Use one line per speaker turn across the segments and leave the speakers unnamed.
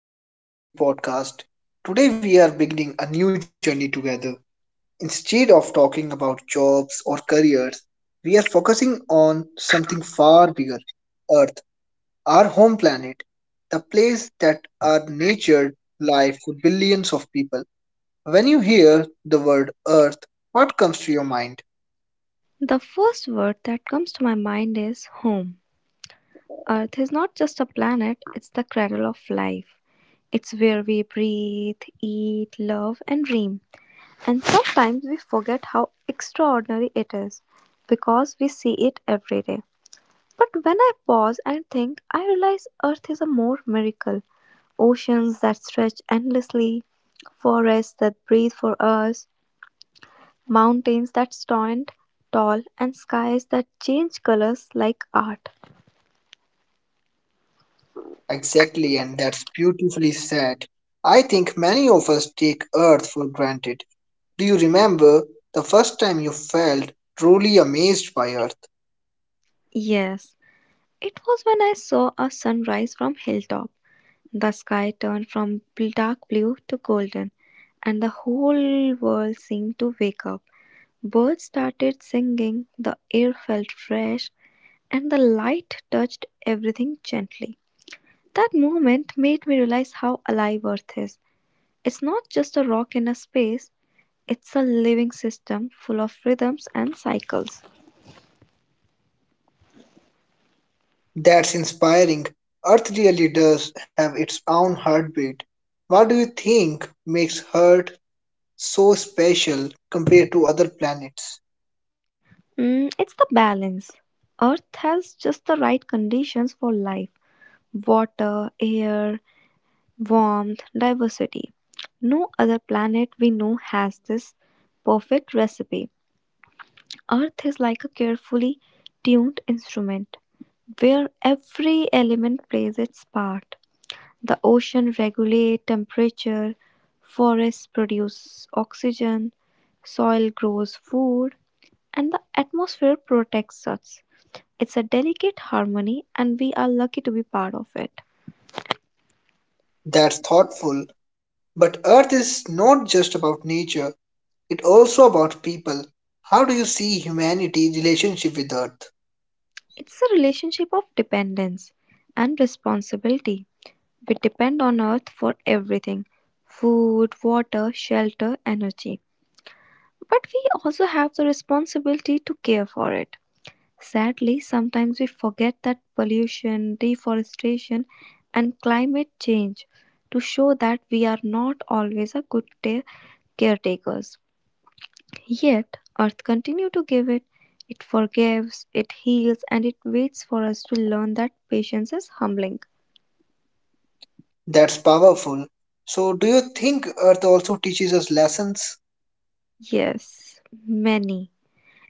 Welcome, Betty, to the podcast. Today we are beginning a new journey together. Instead of talking about jobs or careers, we are focusing on something far bigger Earth, our home planet, the place that our nature life with billions of people. When you hear the word Earth, what comes to your mind?
The first word that comes to my mind is home. Earth is not just a planet, it's the cradle of life. It's where we breathe, eat, love, and dream. And sometimes we forget how extraordinary it is because we see it every day. But when I pause and think, I realize Earth is a more miracle. Oceans that stretch endlessly, forests that breathe for us, mountains that stand tall, and skies that change colors like art.
Exactly, and that's beautifully said. I think many of us take Earth for granted. Do you remember the first time you felt truly amazed by Earth?
Yes, it was when I saw a sunrise from hilltop. The sky turned from dark blue to golden, and the whole world seemed to wake up. Birds started singing, the air felt fresh, and the light touched everything gently. That moment made me realize how alive Earth is. It's not just a rock in a space, it's a living system full of rhythms and cycles.
That's inspiring. Earth really does have its own heartbeat. What do you think makes Earth so special compared to other planets?
It's the balance. Earth has just the right conditions for life: water, air, warmth, diversity. No other planet we know has this perfect recipe. Earth is like a carefully tuned instrument where every element plays its part. The ocean regulate temperature, forests produce oxygen, soil grows food, and the atmosphere protects us. It's a delicate harmony, and we are lucky to be part of it.
That's thoughtful. But Earth is not just about nature, it's also about people. How do you see humanity's relationship with Earth?
It's a relationship of dependence and responsibility. We depend on earth for everything: food, water, shelter, energy. But we also have the responsibility to care for it. Sadly, sometimes we forget that. Pollution, deforestation, and climate change to show that we are not always a good caretakers. Yet, Earth continue to give it. It forgives, it heals, and it waits for us to learn that patience is humbling.
That's powerful. So, do you think Earth also teaches us lessons?
Yes, many.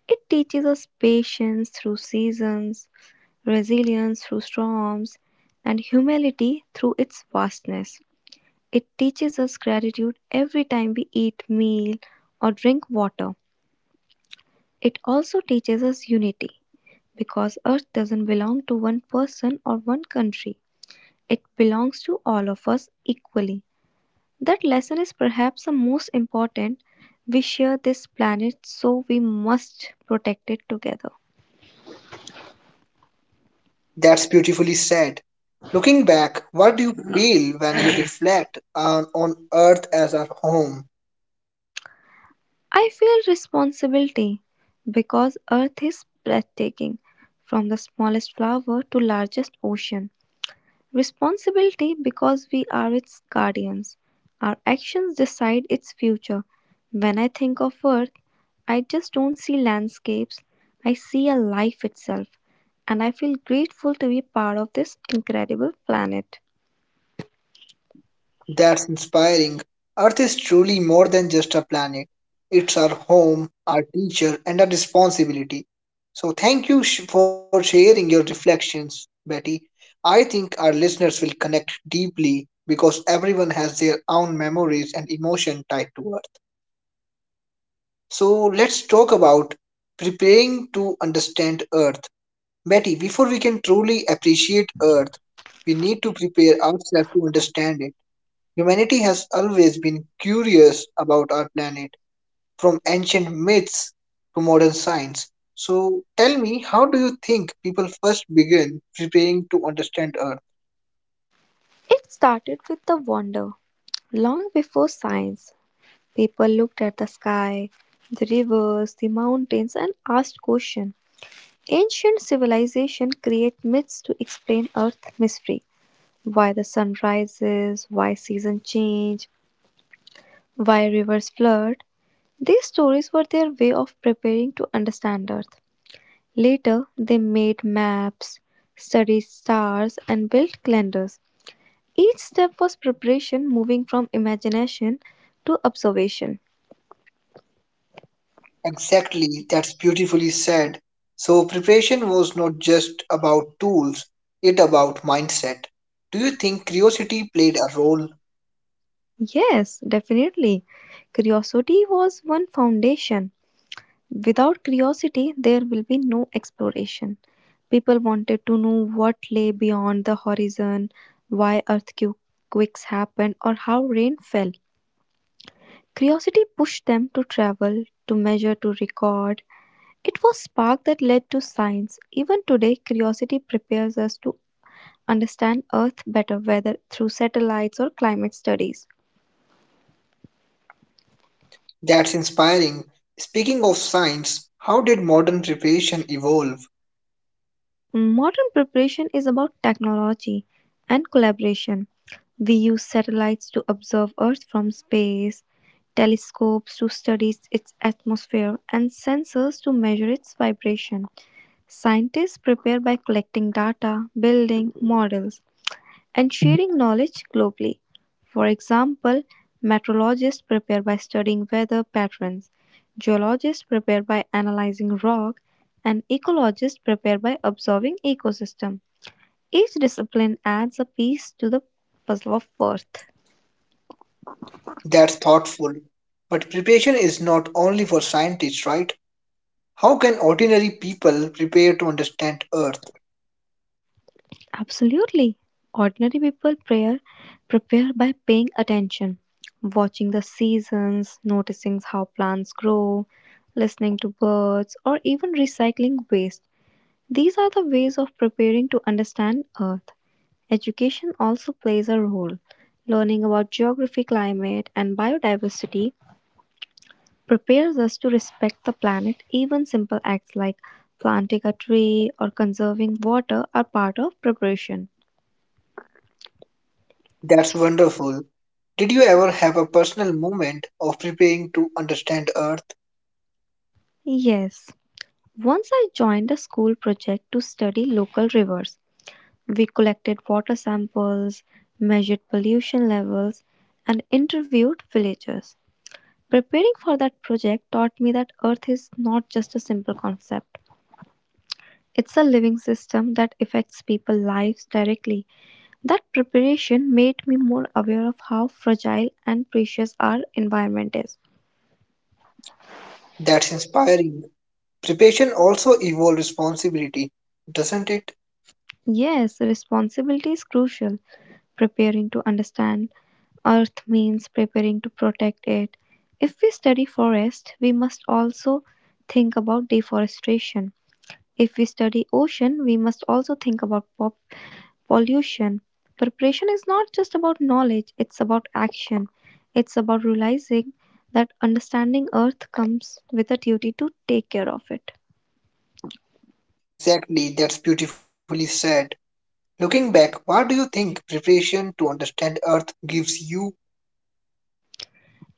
It teaches us patience through seasons, resilience through storms, and humility through its vastness. It teaches us gratitude every time we eat meal or drink water. It also teaches us unity because earth doesn't belong to one person or one country. It belongs to all of us equally. That lesson is perhaps the most important. We share this planet, so we must protect it together.
That's beautifully said. Looking back, what do you feel when you reflect on Earth as our home?
I feel responsibility because earth is breathtaking, from the smallest flower to largest ocean. Responsibility because we are its guardians. Our actions decide its future. When I think of Earth, I just don't see landscapes, I see a life itself, and I feel grateful to be part of this incredible planet.
That's inspiring. Earth is truly more than just a planet, it's our home, our teacher, and our responsibility. So, thank you for sharing your reflections, Betty. I think our listeners will connect deeply because everyone has their own memories and emotion tied to Earth. So let's talk about preparing to understand Earth. Betty, before we can truly appreciate Earth, we need to prepare ourselves to understand it. Humanity has always been curious about our planet, from ancient myths to modern science. So tell me, how do you think people first begin preparing to understand Earth?
It started with the wonder. Long before science, people looked at the sky, the rivers, the mountains, and asked questions. Ancient civilization create myths to explain Earth's mystery: why the sun rises, why seasons change, why rivers flood. These stories were their way of preparing to understand Earth. Later, they made maps, studied stars, and built calendars. Each step was preparation, moving from imagination to observation.
Exactly, that's beautifully said. So preparation was not just about tools, it about mindset. Do you think curiosity played a role?
Yes, definitely. Curiosity was one foundation. Without curiosity, there will be no exploration. People wanted to know what lay beyond the horizon, why earthquakes happened, or how rain fell. Curiosity pushed them to travel, to measure, to record. It was spark that led to science. Even today, curiosity prepares us to understand Earth better, whether through satellites or climate studies.
That's inspiring. Speaking of science, how did modern preparation evolve?
Modern preparation is about technology and collaboration. We use satellites to observe Earth from space, telescopes to study its atmosphere, and sensors to measure its vibration. Scientists prepare by collecting data, building models, and sharing knowledge globally. For example, meteorologists prepare by studying weather patterns, geologists prepare by analyzing rock, and ecologists prepare by observing ecosystem. Each discipline adds a piece to the puzzle of Earth.
That's thoughtful. But preparation is not only for scientists, right? How can ordinary people prepare to understand Earth?
Absolutely. Ordinary people prayer prepare by paying attention, watching the seasons, noticing how plants grow, listening to birds, or even recycling waste. These are the ways of preparing to understand Earth. Education also plays a role. Learning about geography, climate, and biodiversity prepares us to respect the planet. Even simple acts like planting a tree or conserving water are part of preparation.
That's wonderful. Did you ever have a personal moment of preparing to understand Earth?
Yes. Once I joined a school project to study local rivers. We collected water samples, measured pollution levels, and interviewed villagers. Preparing for that project taught me that Earth is not just a simple concept. It's a living system that affects people's lives directly. That preparation made me more aware of how fragile and precious our environment is.
That's inspiring. Preparation also evolved responsibility, doesn't it?
Yes, responsibility is crucial. Preparing to understand Earth means preparing to protect it. If we study forest, we must also think about deforestation. If we study ocean, we must also think about pollution. Preparation is not just about knowledge, it's about action. It's about realizing that understanding Earth comes with a duty to take care of it.
Exactly, that's beautifully said. Looking back, what do you think preparation to understand Earth gives you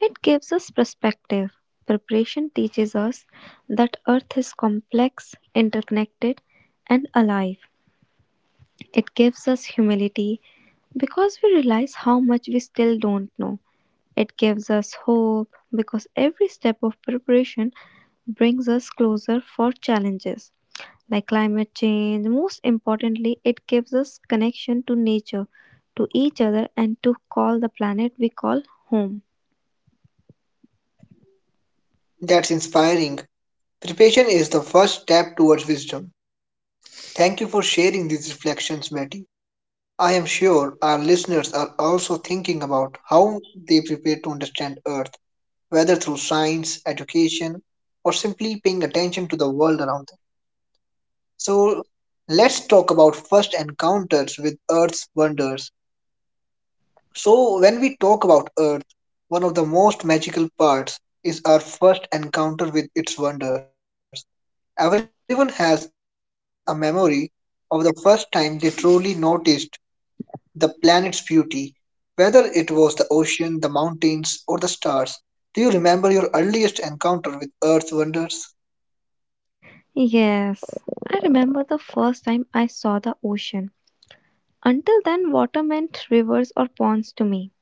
It gives us perspective. Preparation teaches us that Earth is complex, interconnected, and alive. It gives us humility because we realize how much we still don't know. It gives us hope because every step of preparation brings us closer for challenges like climate change. Most importantly, it gives us connection to nature, to each other, and to call the planet we call home.
that's inspiring? Preparation is the first step towards wisdom. Thank you for sharing these reflections, Betty. I am sure our listeners are also thinking about how they prepare to understand Earth, whether through science, education, or simply paying attention to the world around them. So let's talk about first encounters with Earth's wonders. So, when we talk about Earth, one of the most magical parts is our first encounter with its wonders. Everyone has a memory of the first time they truly noticed the planet's beauty, whether it was the ocean, the mountains, or the stars. Do you remember your earliest encounter with Earth's wonders?
Yes, I remember the first time I saw the ocean. Until then, water meant rivers or ponds to me.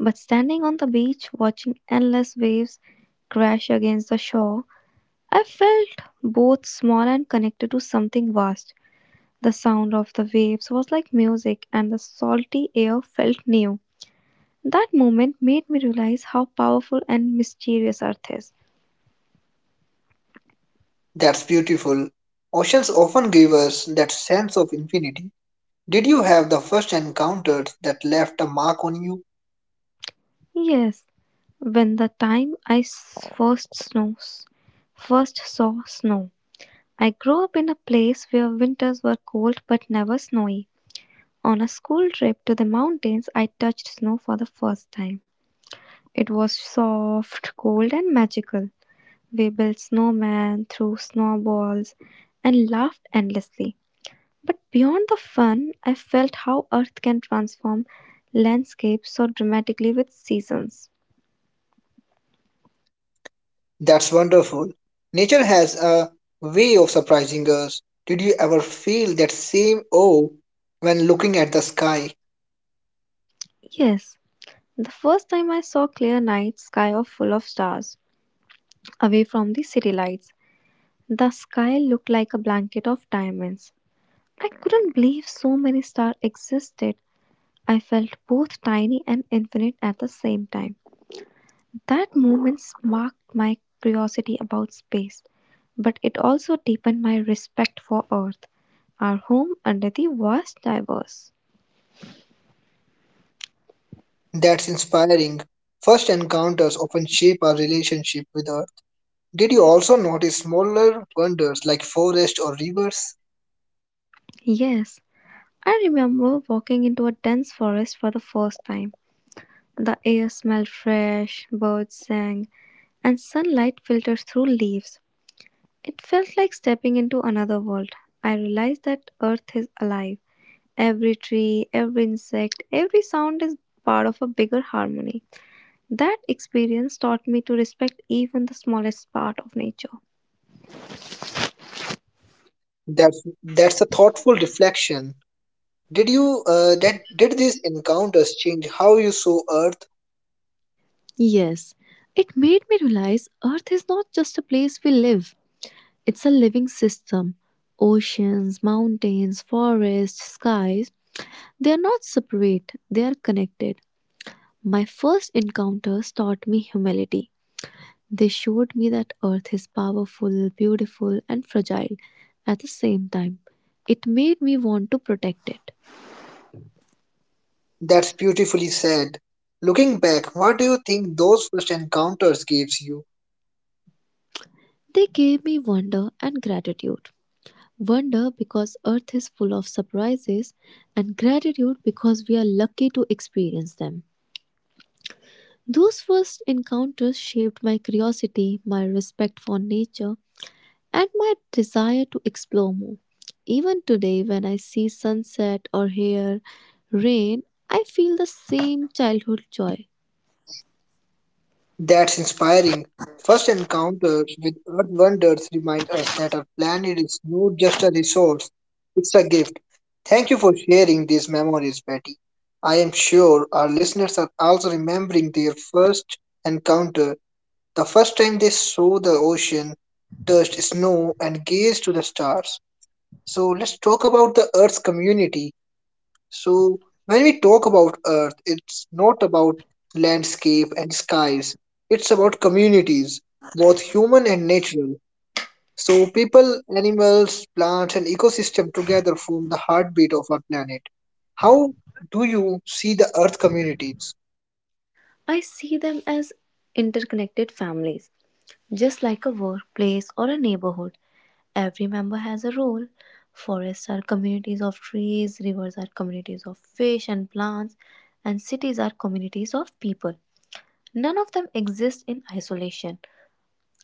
But standing on the beach, watching endless waves crash against the shore, I felt both small and connected to something vast. The sound of the waves was like music, and the salty air felt new. That moment made me realize how powerful and mysterious Earth is.
That's beautiful. Oceans often give us that sense of infinity. Did you have the first encounter that left a mark on you?
Yes, when the time I s- first snows, first saw snow. I grew up in a place where winters were cold but never snowy. On a school trip to the mountains, I touched snow for the first time. It was soft, cold, and magical. We built snowmen, threw snowballs, and laughed endlessly. But beyond the fun, I felt how earth can transform landscapes so dramatically with seasons.
That's wonderful. Nature has a way of surprising us. Did you ever feel that same awe when looking at the sky?
Yes, the first time I saw clear night sky of full of stars, away from the city lights, the sky looked like a blanket of diamonds. I couldn't believe so many stars existed. I felt both tiny and infinite at the same time. That moment sparked my curiosity about space, but it also deepened my respect for Earth, our home under the vast diverse.
That's inspiring. First encounters often shape our relationship with Earth. Did you also notice smaller wonders like forests or rivers?
Yes, I remember walking into a dense forest for the first time. The air smelled fresh, birds sang, and sunlight filtered through leaves. It felt like stepping into another world. I realized that Earth is alive. Every tree, every insect, every sound is part of a bigger harmony. That experience taught me to respect even the smallest part of nature.
That's a thoughtful reflection. Did you that did these encounters change how you saw Earth?
Yes, it made me realize Earth is not just a place we live, it's a living system. Oceans, mountains, forests, skies, they are not separate, they are connected. My first encounters taught me humility. They showed me that earth is powerful, beautiful, and fragile at the same time. It made me want to protect it.
That's beautifully said. Looking back, what do you think those first encounters gives you?
They gave me wonder and gratitude. Wonder because earth is full of surprises, and gratitude because we are lucky to experience them. Those first encounters shaped my curiosity, my respect for nature, and my desire to explore more. Even today, when I see sunset or hear rain, I feel the same childhood joy.
That's inspiring. First encounters with earth wonders remind us that our planet is not just a resource, it's a gift. Thank you for sharing these memories, Betty. I am sure our listeners are also remembering their first encounter, the first time they saw the ocean, touched snow, and gazed to the stars. So let's talk about the Earth's community. So, when we talk about Earth, it's not about landscape and skies, it's about communities, both human and natural. So, people, animals, plants, and ecosystem together form the heartbeat of our planet. How do you see the Earth communities?
I see them as interconnected families, just like a workplace or a neighborhood. Every member has a role. Forests are communities of trees, rivers are communities of fish and plants, and cities are communities of people. None of them exist in isolation.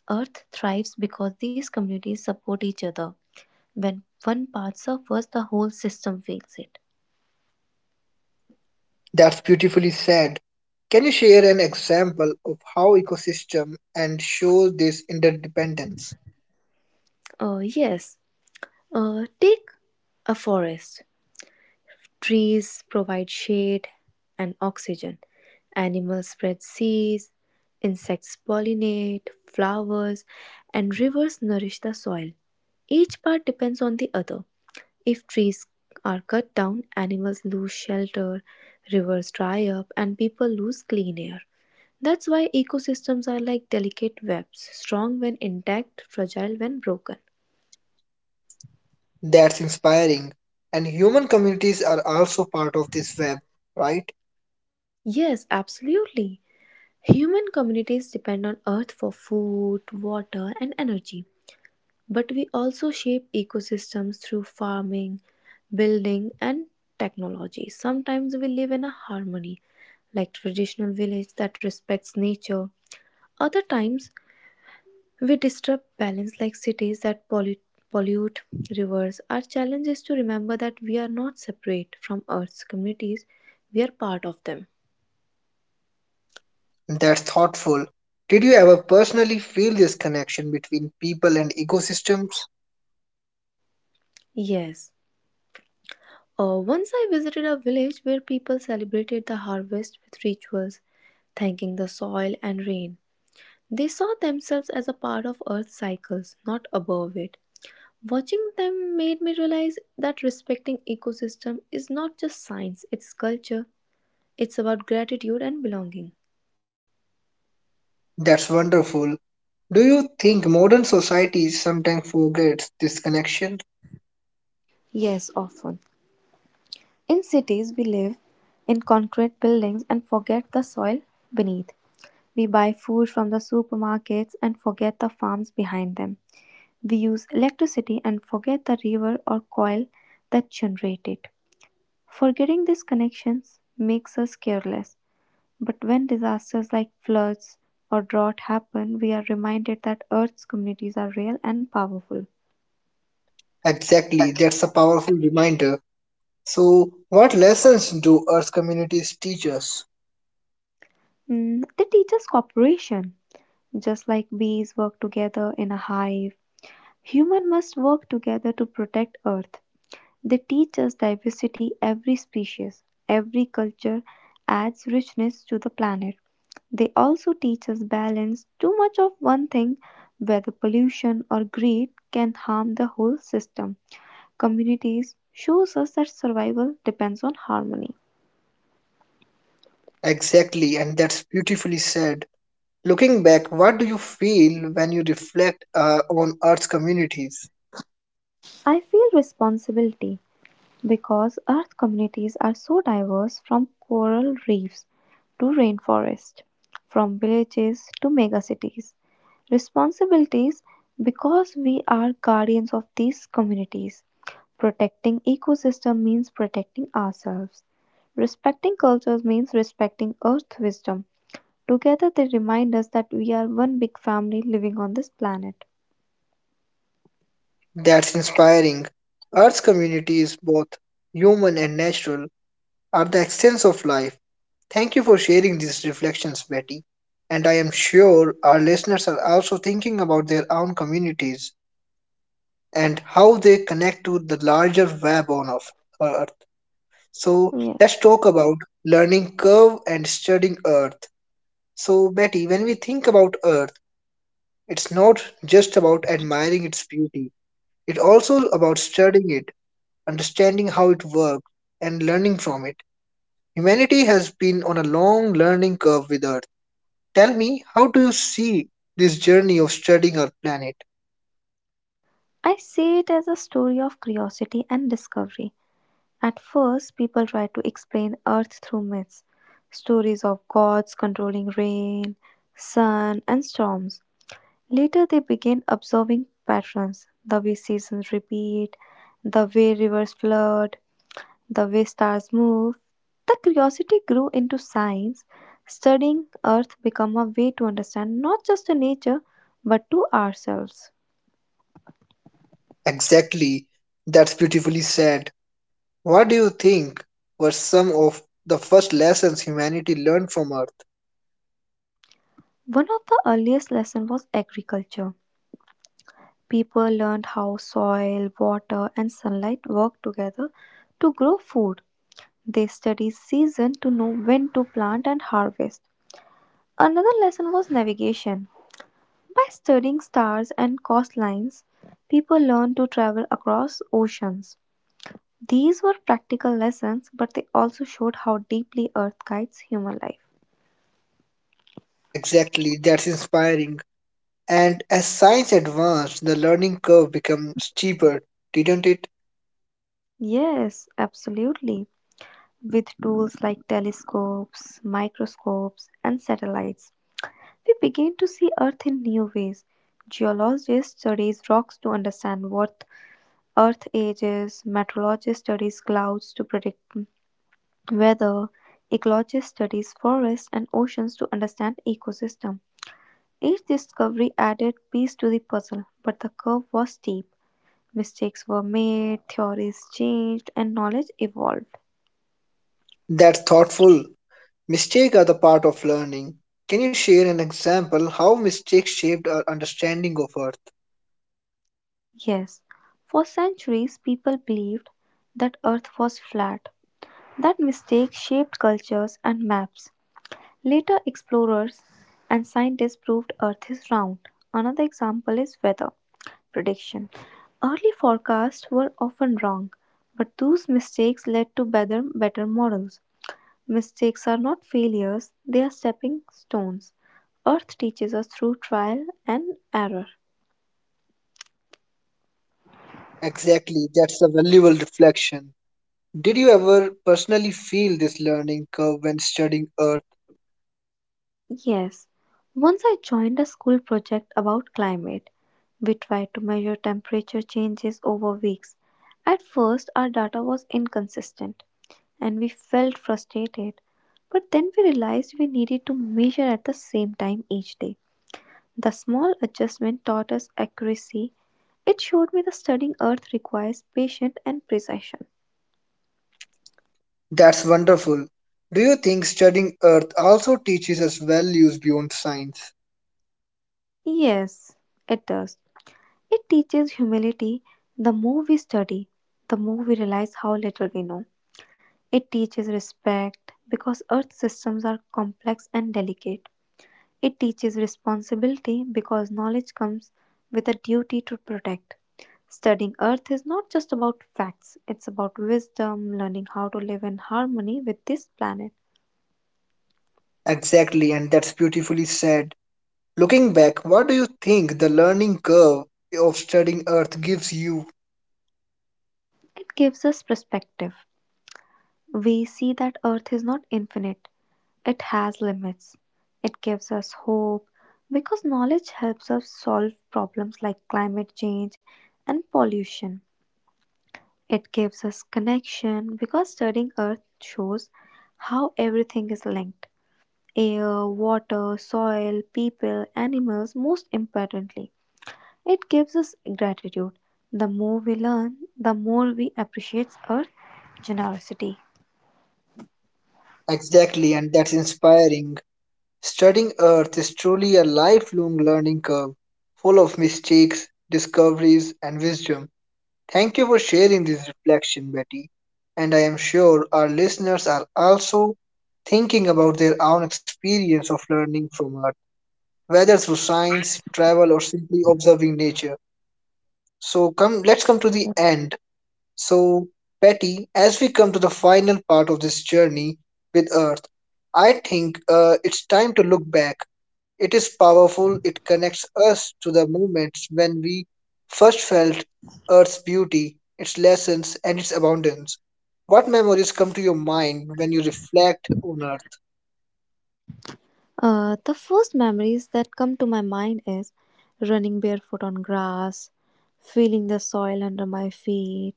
Earth thrives because these communities support each other. When one part suffers, the whole system feels it.
That's beautifully said. Can you share an example of how ecosystem and show this interdependence?
Yes, take a forest. Trees provide shade and oxygen. Animals spread seeds, insects pollinate, flowers, and rivers nourish the soil. Each part depends on the other. If trees are cut down, animals lose shelter, rivers dry up, and people lose clean air. That's why ecosystems are like delicate webs, strong when intact, fragile when broken.
That's inspiring. And human communities are also part of this web, right?
Yes, absolutely. Human communities depend on Earth for food, water, and energy. But we also shape ecosystems through farming, building, and technology. Sometimes we live in a harmony, like traditional village that respects nature. Other times we disrupt balance, like cities that pollute rivers. Our challenge is to remember that we are not separate from Earth's communities, we are part of them.
That's thoughtful. Did you ever personally feel this connection between people and ecosystems?
Yes. Once I visited a village where people celebrated the harvest with rituals, thanking the soil and rain. They saw themselves as a part of Earth's cycles, not above it. Watching them made me realize that respecting ecosystem is not just science, it's culture. It's about gratitude and belonging.
That's wonderful. Do you think modern society sometimes forgets this connection?
Yes, often. In cities, we live in concrete buildings and forget the soil beneath. We buy food from the supermarkets and forget the farms behind them. We use electricity and forget the river or coil that generate it. Forgetting these connections makes us careless. But when disasters like floods or drought happen, we are reminded that Earth's communities are real and powerful.
Exactly, that's a powerful reminder. So, what lessons do Earth communities teach us?
They teach us cooperation. Just like bees work together in a hive, humans must work together to protect Earth. They teach us diversity, every species, every culture adds richness to the planet. They also teach us balance. Too much of one thing, whether pollution or greed, can harm the whole system. Communities shows us that survival depends on harmony.
Exactly, and that's beautifully said. Looking back, what do you feel when you reflect on Earth's communities?
I feel responsibility because Earth communities are so diverse, from coral reefs to rainforest, from villages to megacities. Responsibilities because we are guardians of these communities. Protecting ecosystem means protecting ourselves. Respecting cultures means respecting earth wisdom. Together they remind us that we are one big family living on this planet.
That's inspiring. Earth's community is both human and natural are the essence of life. Thank you for sharing these reflections, Betty. And I am sure our listeners are also thinking about their own communities and how they connect to the larger web on of Earth. So
Yes.
let's talk about learning curve and studying Earth. So, Betty, when we think about Earth, it's not just about admiring its beauty, it's also about studying it, understanding how it works, and learning from it. Humanity has been on a long learning curve with Earth. Tell me, how do you see this journey of studying our planet?
I see it as a story of curiosity and discovery. At first, people tried to explain Earth through myths, stories of gods controlling rain, sun, and storms. Later, they began observing patterns, the way seasons repeat, the way rivers flood, the way stars move. The curiosity grew into science. Studying Earth became a way to understand not just the nature but to ourselves.
Exactly. That's beautifully said. What do you think were some of the first lessons humanity learned from Earth?
One of the earliest lessons was agriculture. People learned how soil, water, and sunlight work together to grow food. They studied season to know when to plant and harvest. Another lesson was navigation. By studying stars and coastlines, people learned to travel across oceans. These were practical lessons, but they also showed how deeply Earth guides human life.
Exactly. That's inspiring. And as science advanced, the learning curve became steeper, didn't it?
Yes, absolutely. With tools like telescopes, microscopes, and satellites, we begin to see Earth in new ways. Geologists studies rocks to understand what Earth age is, meteorologists study clouds to predict weather, ecologists studies forests and oceans to understand ecosystem. Each discovery added piece to the puzzle, but the curve was steep. Mistakes were made, theories changed, and knowledge evolved.
That's thoughtful. Mistakes are the part of learning. Can you share an example how mistakes shaped our understanding of Earth?
Yes, for centuries people believed that Earth was flat. That mistake shaped cultures and maps. Later explorers and scientists proved Earth is round. Another example is weather prediction. Early forecasts were often wrong, but those mistakes led to better models. Mistakes are not failures, they are stepping stones. Earth teaches us through trial and error.
Exactly, that's a valuable reflection. Did you ever personally feel this learning curve when studying Earth?
Yes, once I joined a school project about climate. We tried to measure temperature changes over weeks. At first, our data was inconsistent and we felt frustrated, but then we realized we needed to measure at the same time each day. The small adjustment taught us accuracy. It showed me that studying Earth requires patience and precision.
That's wonderful. Do you think studying Earth also teaches us values beyond science?
Yes, it does. It teaches humility. The more we study, the more we realize how little we know. It teaches respect because earth systems are complex and delicate. It teaches responsibility because knowledge comes with a duty to protect. Studying earth is not just about facts, it's about wisdom, learning how to live in harmony with this planet.
Exactly, and that's beautifully said. Looking back, what do you think the learning curve of studying Earth gives you?
It gives us perspective. We see that Earth is not infinite, it has limits. It gives us hope because knowledge helps us solve problems like climate change and pollution. It gives us connection because studying Earth shows how everything is linked, air, water, soil, people, animals, most importantly. It gives us gratitude. The more we learn, the more we appreciate Earth's generosity.
Exactly, and that's inspiring. Studying Earth is truly a lifelong learning curve, full of mistakes, discoveries, and wisdom. Thank you for sharing this reflection, Betty. And I am sure our listeners are also thinking about their own experience of learning from Earth, whether through science, travel, or simply observing nature. So come, let's come to the end so, Betty, as we come to the final part of this journey with Earth, I think it's time to look back. It is powerful, it connects us to the moments when we first felt Earth's beauty, its lessons, and its abundance. What memories come to your mind when you reflect on Earth?
The first memories that come to my mind is running barefoot on grass, feeling the soil under my feet,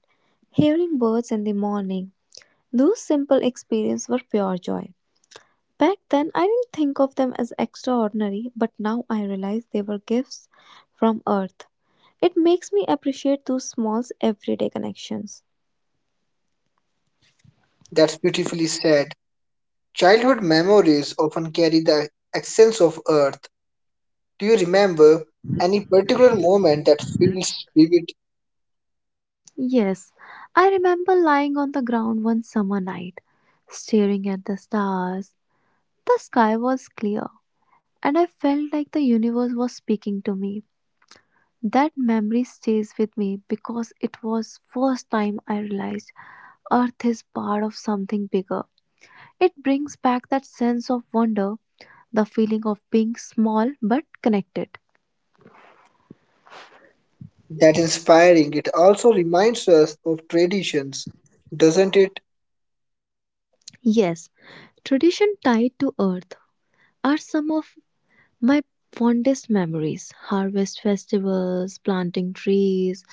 hearing birds in the morning. Those simple experiences were pure joy. Back then, I didn't think of them as extraordinary, but now I realize they were gifts from earth. It makes me appreciate those small everyday connections.
That's beautifully said. Childhood memories often carry the essence of Earth. Do you remember any particular moment that feels vivid.
Yes, I remember lying on the ground one summer night, staring at the stars. The sky was clear and I felt like the universe was speaking to me. That memory stays with me because it was first time I realized earth is part of something bigger. It brings back that sense of wonder, the feeling of being small but connected.
That inspiring. It also reminds us of traditions, doesn't it?
Yes, tradition tied to earth are some of my fondest memories, harvest festivals, planting trees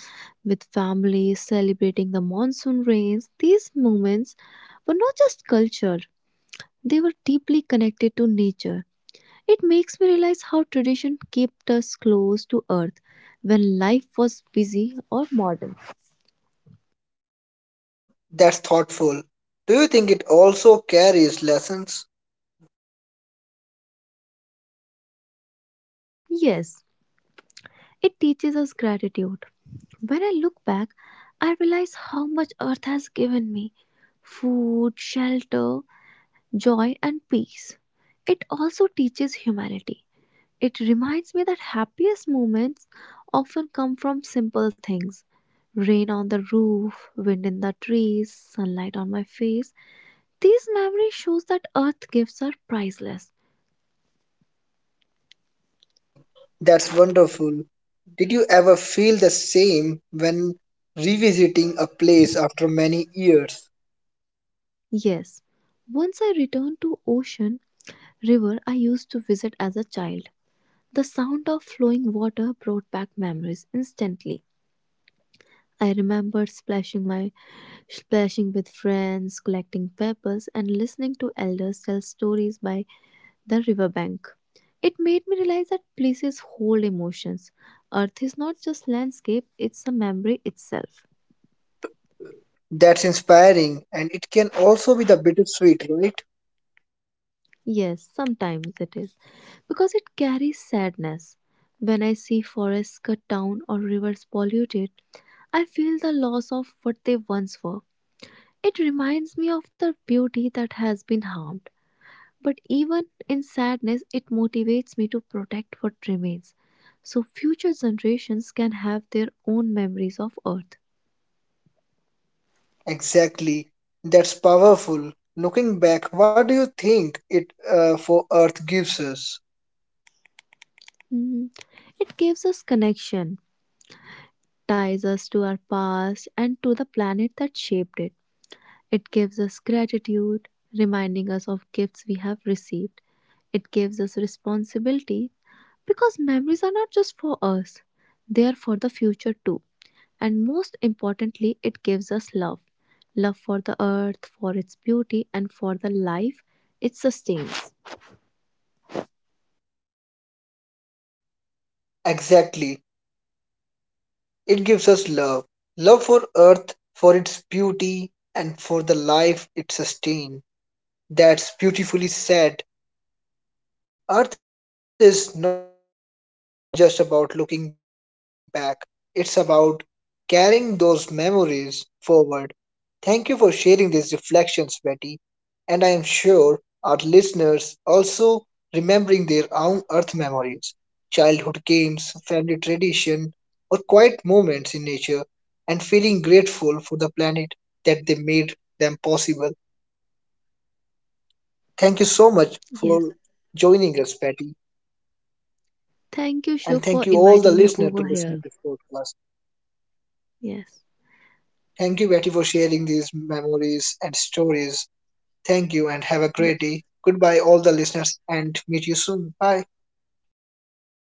with families, celebrating the monsoon rains. These moments were not just culture, they were deeply connected to nature. It makes me realize how tradition kept us close to earth when life was busy or modern.
That's thoughtful. Do you think it also carries lessons?
Yes, it teaches us gratitude. When I look back, I realize how much earth has given me, food, shelter, joy, and peace. It also teaches humanity. It reminds me that happiest moments often come from simple things, rain on the roof, wind in the trees, sunlight on my face. These memories shows that earth gifts are priceless.
Exactly. That's wonderful. Did you ever feel the same when revisiting a place after many years?
Yes, once I returned to ocean river I used to visit as a child. The sound of flowing water brought back memories instantly. I remembered splashing with friends, collecting peppers, and listening to elders tell stories by the riverbank. It made me realize that places hold emotions. Earth is not just landscape, it's a memory itself.
That's inspiring and it can also be the bittersweet, right?
Yes, sometimes it is because it carries sadness. When I see forests cut down or rivers polluted, I feel the loss of what they once were. It reminds me of the beauty that has been harmed. But even in sadness, it motivates me to protect what remains so future generations can have their own memories of Earth.
Exactly. That's powerful. Looking back, what do you think it for Earth gives us?
Mm, It gives us connection, ties us to our past and to the planet that shaped it. It gives us gratitude, reminding us of gifts we have received. It gives us responsibility because memories are not just for us, they are for the future too. And most importantly, it gives us love, love for the earth, for its beauty, and for the life it sustains.
Exactly. It gives us love. Love for Earth, for its beauty, and for the life it sustains. That's beautifully said. Earth is not just about looking back, it's about carrying those memories forward. Thank you for sharing these reflections, Betty and I am sure our listeners also remembering their own earth memories, childhood games, family tradition, or quiet moments in nature, and feeling grateful for the planet that they made them possible. Thank you so much for
Yes.
joining us, Patty,
Thank you, Shub,
and
for
thank you all
inviting
the
me
listeners
over
to
here.
listening this podcast.
Yes.
Thank you, Patty, for sharing these memories and stories. Thank you, and have a great day. Goodbye, all the listeners, and meet you soon. Bye.